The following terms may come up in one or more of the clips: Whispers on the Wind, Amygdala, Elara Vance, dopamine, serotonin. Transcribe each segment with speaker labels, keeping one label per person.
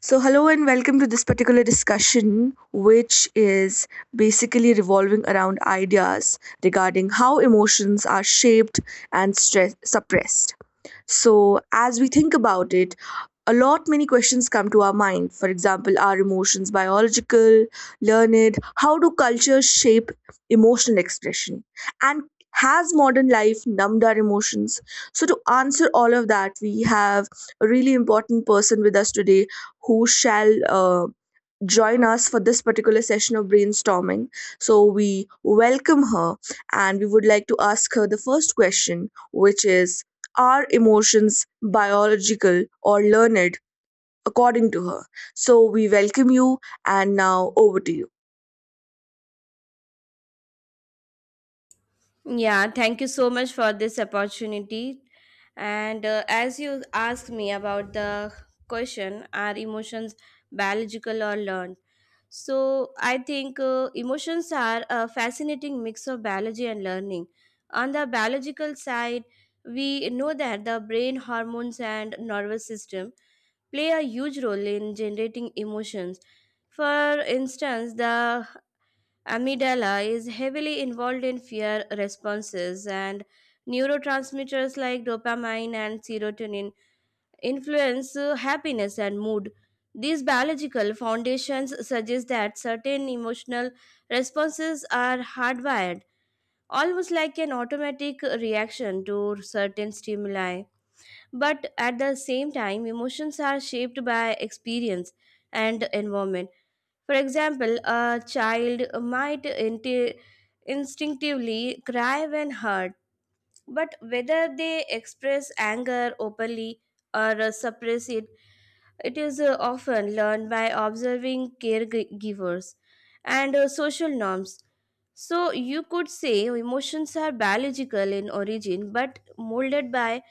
Speaker 1: So, hello and welcome to this particular discussion, which is basically revolving around ideas regarding how emotions are shaped and stress suppressed. So, as we think about it, a lot many questions come to our mind. For example, are emotions biological, learned? How do cultures shape emotional expression? And has modern life numbed our emotions? So, to answer all of that, we have a really important person with us today who shall join us for this particular session of brainstorming. So we welcome her and we would like to ask her the first question, which is: are emotions biological or learned according to her? So we welcome you, and now over to you.
Speaker 2: Yeah, thank you so much for this opportunity. And as you asked me about the question, are emotions biological or learned? So I think emotions are a fascinating mix of biology and learning. On the biological side, we know that the brain hormones and nervous system play a huge role in generating emotions. For instance, the Amygdala is heavily involved in fear responses, and neurotransmitters like dopamine and serotonin influence happiness and mood. These biological foundations suggest that certain emotional responses are hardwired, almost like an automatic reaction to certain stimuli. But at the same time, emotions are shaped by experience and environment. For example, a child might inti- instinctively cry when hurt, but whether they express anger openly or suppress it, it is often learned by observing caregivers and social norms. So, you could say emotions are biological in origin but molded by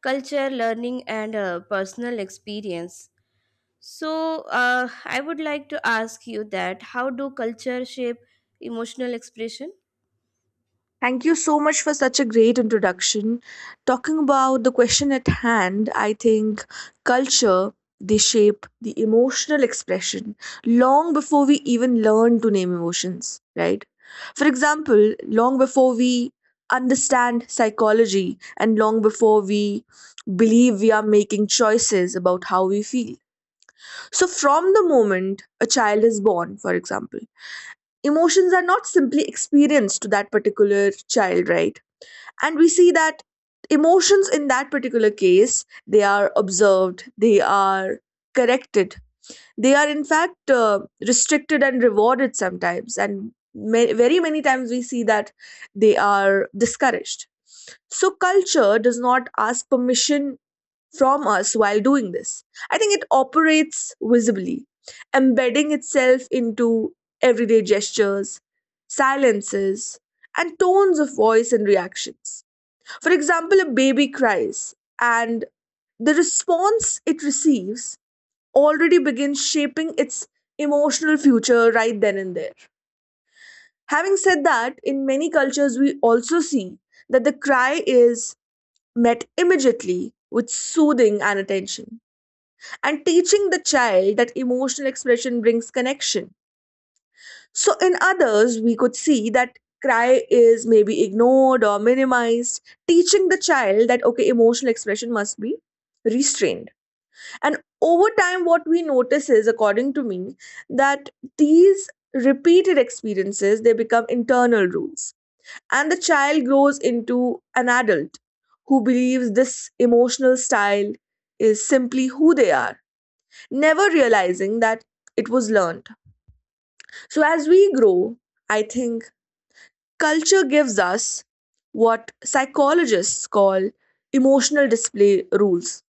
Speaker 2: culture, learning, and personal experience. So, I would like to ask you that how do culture shape emotional expression?
Speaker 1: Thank you so much for such a great introduction. Talking about the question at hand, I think culture, they shape the emotional expression long before we even learn to name emotions, right? For example, long before we understand psychology and long before we believe we are making choices about how we feel. So, from the moment a child is born, for example, emotions are not simply experienced to that particular child, right? And we see that emotions in that particular case, they are observed, they are corrected, they are in fact restricted and rewarded sometimes, and very many times we see that they are discouraged. So culture does not ask permission from us while doing this. I think it operates visibly, embedding itself into everyday gestures, silences, and tones of voice and reactions. For example, a baby cries, and the response it receives already begins shaping its emotional future right then and there. Having said that, in many cultures, we also see that the cry is met immediately with soothing and attention, and teaching the child that emotional expression brings connection. So, in others, we could see that cry is maybe ignored or minimized, teaching the child that, okay, emotional expression must be restrained. And over time, what we notice is, according to me, that these repeated experiences, they become internal rules, and the child grows into an adult who believes this emotional style is simply who they are, never realizing that it was learned. So as we grow, I think culture gives us what psychologists call emotional display rules.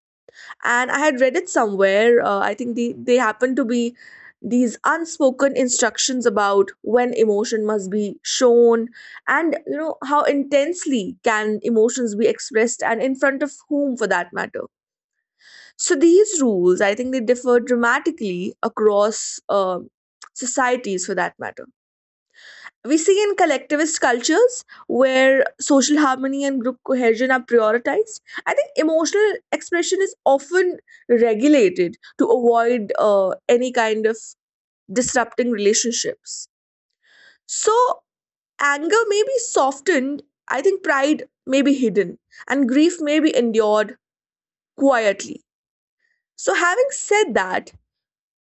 Speaker 1: And I had read it somewhere, I think they happen to be these unspoken instructions about when emotion must be shown, and, you know, how intensely can emotions be expressed, and in front of whom for that matter. So these rules, I think they differ dramatically across societies for that matter. We see in collectivist cultures, where social harmony and group cohesion are prioritized, I think emotional expression is often regulated to avoid any kind of disrupting relationships. So, anger may be softened, I think pride may be hidden, and grief may be endured quietly. So, having said that,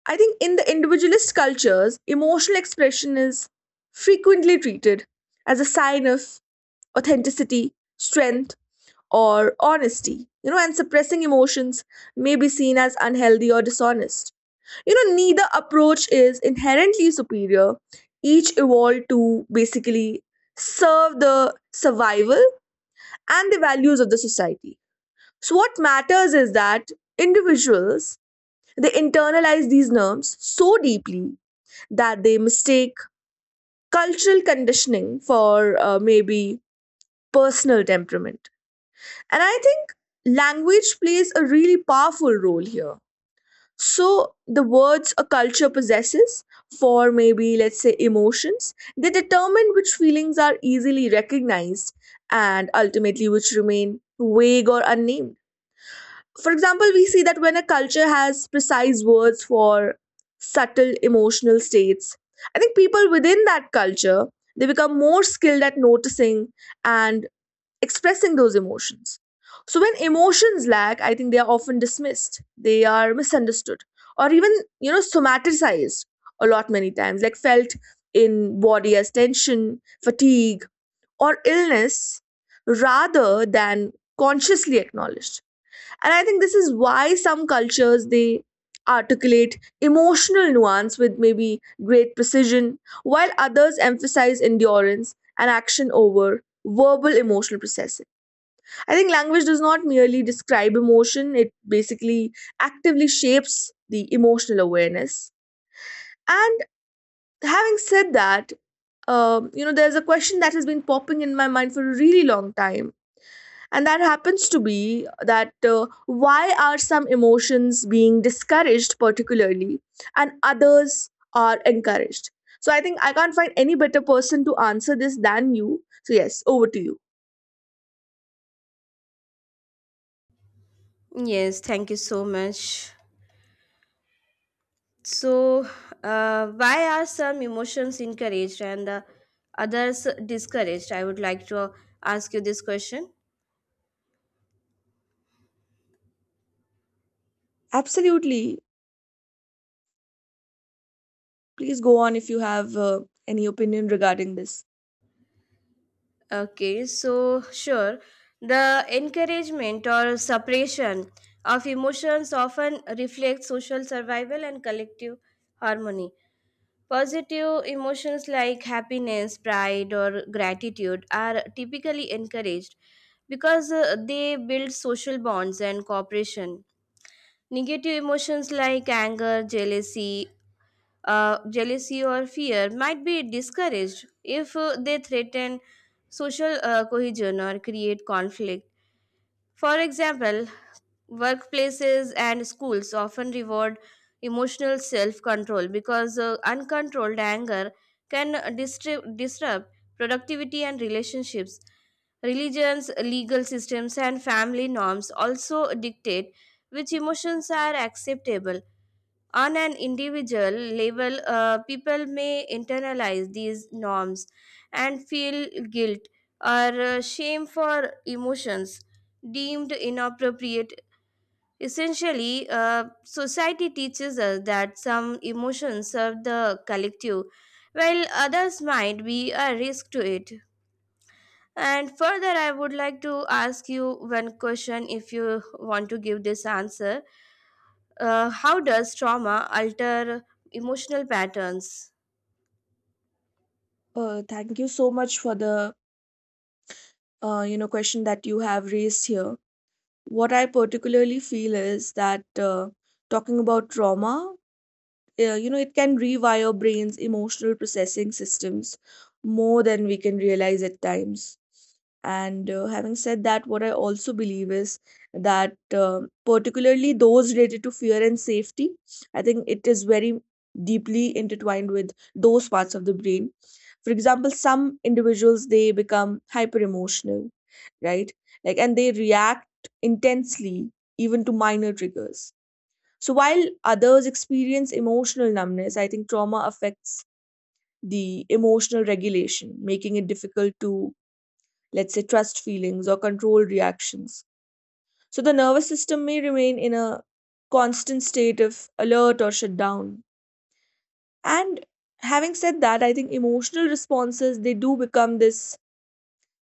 Speaker 1: I think in the individualist cultures, emotional expression is frequently treated as a sign of authenticity, strength, or honesty. You know, and suppressing emotions may be seen as unhealthy or dishonest. You know, neither approach is inherently superior. Each evolved to basically serve the survival and the values of the society. So, what matters is that individuals, they internalize these norms so deeply that they mistake cultural conditioning for maybe personal temperament. And I think language plays a really powerful role here. So, the words a culture possesses for, maybe, let's say, emotions, they determine which feelings are easily recognized and ultimately which remain vague or unnamed. For example, we see that when a culture has precise words for subtle emotional states, I think people within that culture, they become more skilled at noticing and expressing those emotions. So when emotions lack, I think they are often dismissed, they are misunderstood, or even, you know, somaticized a lot many times, like felt in body as tension, fatigue, or illness, rather than consciously acknowledged. And I think this is why some cultures, they articulate emotional nuance with maybe great precision, while others emphasize endurance and action over verbal emotional processing. I think language does not merely describe emotion, it basically actively shapes the emotional awareness. And having said that, you know, there's a question that has been popping in my mind for a really long time, and that happens to be that why are some emotions being discouraged, particularly, and others are encouraged? So I think I can't find any better person to answer this than you. So, yes, over to you.
Speaker 2: Yes, thank you so much. So, why are some emotions encouraged and the others discouraged? I would like to ask you this question.
Speaker 1: Absolutely. Please go on if you have any opinion regarding this.
Speaker 2: Okay, so sure. The encouragement or suppression of emotions often reflects social survival and collective harmony. Positive emotions like happiness, pride, or gratitude are typically encouraged because they build social bonds and cooperation. Negative emotions like anger, jealousy or fear might be discouraged if they threaten social cohesion or create conflict. For example, workplaces and schools often reward emotional self control because uncontrolled anger disrupt productivity and relationships. Religions, legal systems, and family norms also dictate which emotions are acceptable. On an individual level, people may internalize these norms and feel guilt or shame for emotions deemed inappropriate. Essentially, society teaches us that some emotions serve the collective, while others might be a risk to it. And further, I would like to ask you one question if you want to give this answer. How does trauma alter emotional patterns?
Speaker 1: Thank you so much for the you know question that you have raised here. What I particularly feel is that, talking about trauma, you know, it can rewire brains emotional processing systems more than we can realize at times. And having said that, what I also believe is that uh, particularly those related to fear and safety, I think it is very deeply intertwined with those parts of the brain. For example, some individuals, they become hyper emotional, right? Like, and they react intensely even to minor triggers, so while others experience emotional numbness. I think trauma affects the emotional regulation, making it difficult to, let's say, trust feelings or control reactions. So the nervous system may remain in a constant state of alert or shutdown. And having said that, I think emotional responses, they do become this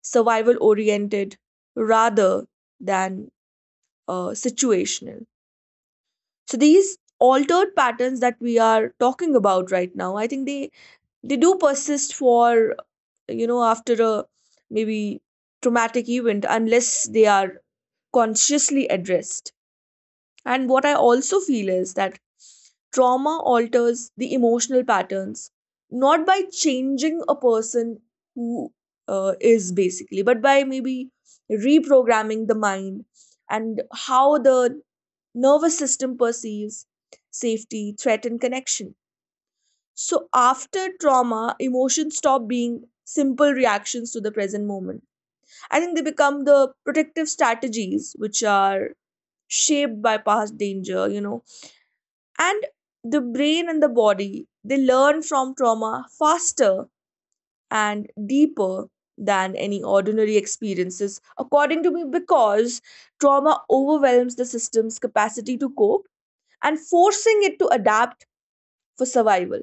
Speaker 1: survival oriented rather than situational. So these altered patterns that we are talking about right now, I think they do persist for, you know, after a, maybe, traumatic event, unless they are consciously addressed. And what I also feel is that trauma alters the emotional patterns not by changing a person who is basically, but by maybe reprogramming the mind and how the nervous system perceives safety, threat, and connection. So after trauma, emotions stop being simple reactions to the present moment. I think they become the protective strategies which are shaped by past danger, you know. And the brain and the body, they learn from trauma faster and deeper than any ordinary experiences, according to me, because trauma overwhelms the system's capacity to cope and forcing it to adapt for survival.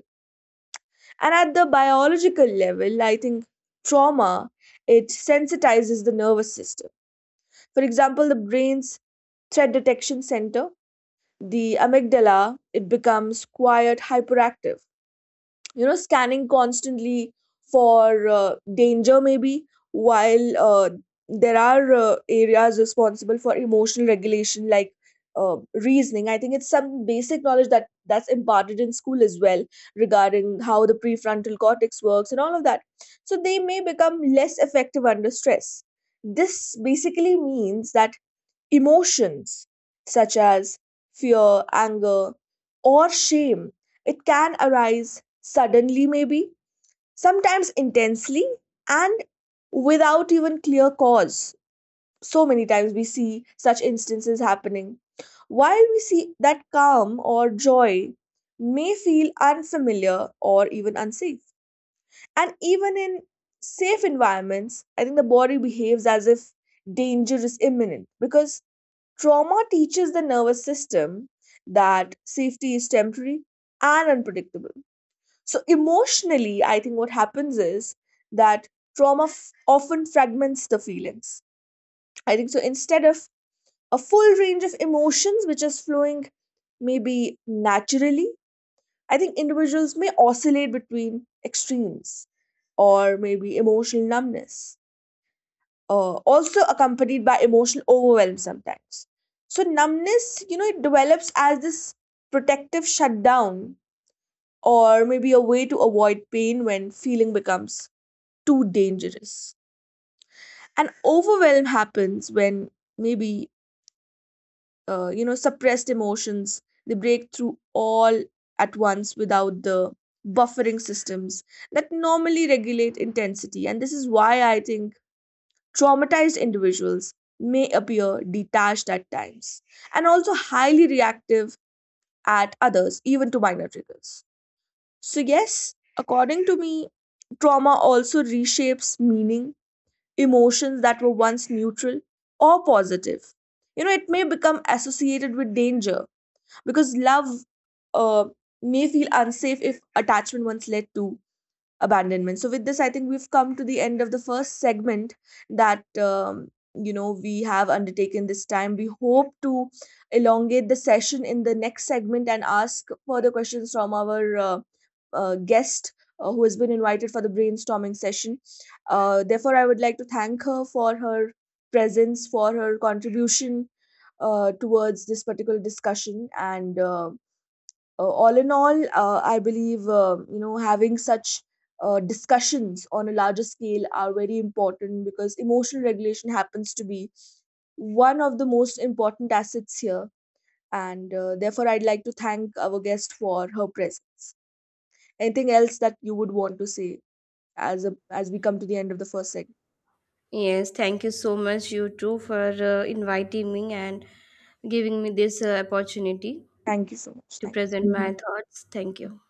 Speaker 1: And at the biological level, I think trauma, it sensitizes the nervous system. For example, the brain's threat detection center, the amygdala, it becomes quiet hyperactive, you know, scanning constantly for danger, maybe, while there are areas responsible for emotional regulation, like uh, reasoning. I think it's some basic knowledge that that's imparted in school as well, regarding how the prefrontal cortex works and all of that. So they may become less effective under stress. This basically means that emotions such as fear, anger, or shame, it can arise suddenly, maybe, sometimes intensely, and without even clear cause. So many times we see such instances happening. While we see that calm or joy may feel unfamiliar or even unsafe. And even in safe environments, I think the body behaves as if danger is imminent because trauma teaches the nervous system that safety is temporary and unpredictable. So, emotionally, I think what happens is that trauma often fragments the feelings. I think so. Instead of a full range of emotions, which is flowing maybe naturally, I think individuals may oscillate between extremes, or maybe emotional numbness also accompanied by emotional overwhelm sometimes. So, numbness, you know, it develops as this protective shutdown, or maybe a way to avoid pain when feeling becomes too dangerous. And overwhelm happens when, maybe, you know, suppressed emotions, they break through all at once without the buffering systems that normally regulate intensity. And this is why I think traumatized individuals may appear detached at times and also highly reactive at others, even to minor triggers. So, yes, according to me, trauma also reshapes meaning. Emotions that were once neutral or positive, you know, it may become associated with danger, because love uh, may feel unsafe if attachment once led to abandonment. So with this, I think we've come to the end of the first segment that, you know, we have undertaken this time. We hope to elongate the session in the next segment and ask further questions from our guest, who has been invited for the brainstorming session. Therefore, I would like to thank her for her presence, for her contribution towards this particular discussion. And all in all, I believe, you know, having such discussions on a larger scale are very important, because emotional regulation happens to be one of the most important assets here, and therefore I'd like to thank our guest for her presence. Anything else that you would want to say as we come to the end of the first segment?
Speaker 2: Yes, thank you so much, you too, for inviting me and giving me this opportunity
Speaker 1: Thank you so much.
Speaker 2: to
Speaker 1: Thank.
Speaker 2: present my
Speaker 1: You.
Speaker 2: thoughts. Thank you.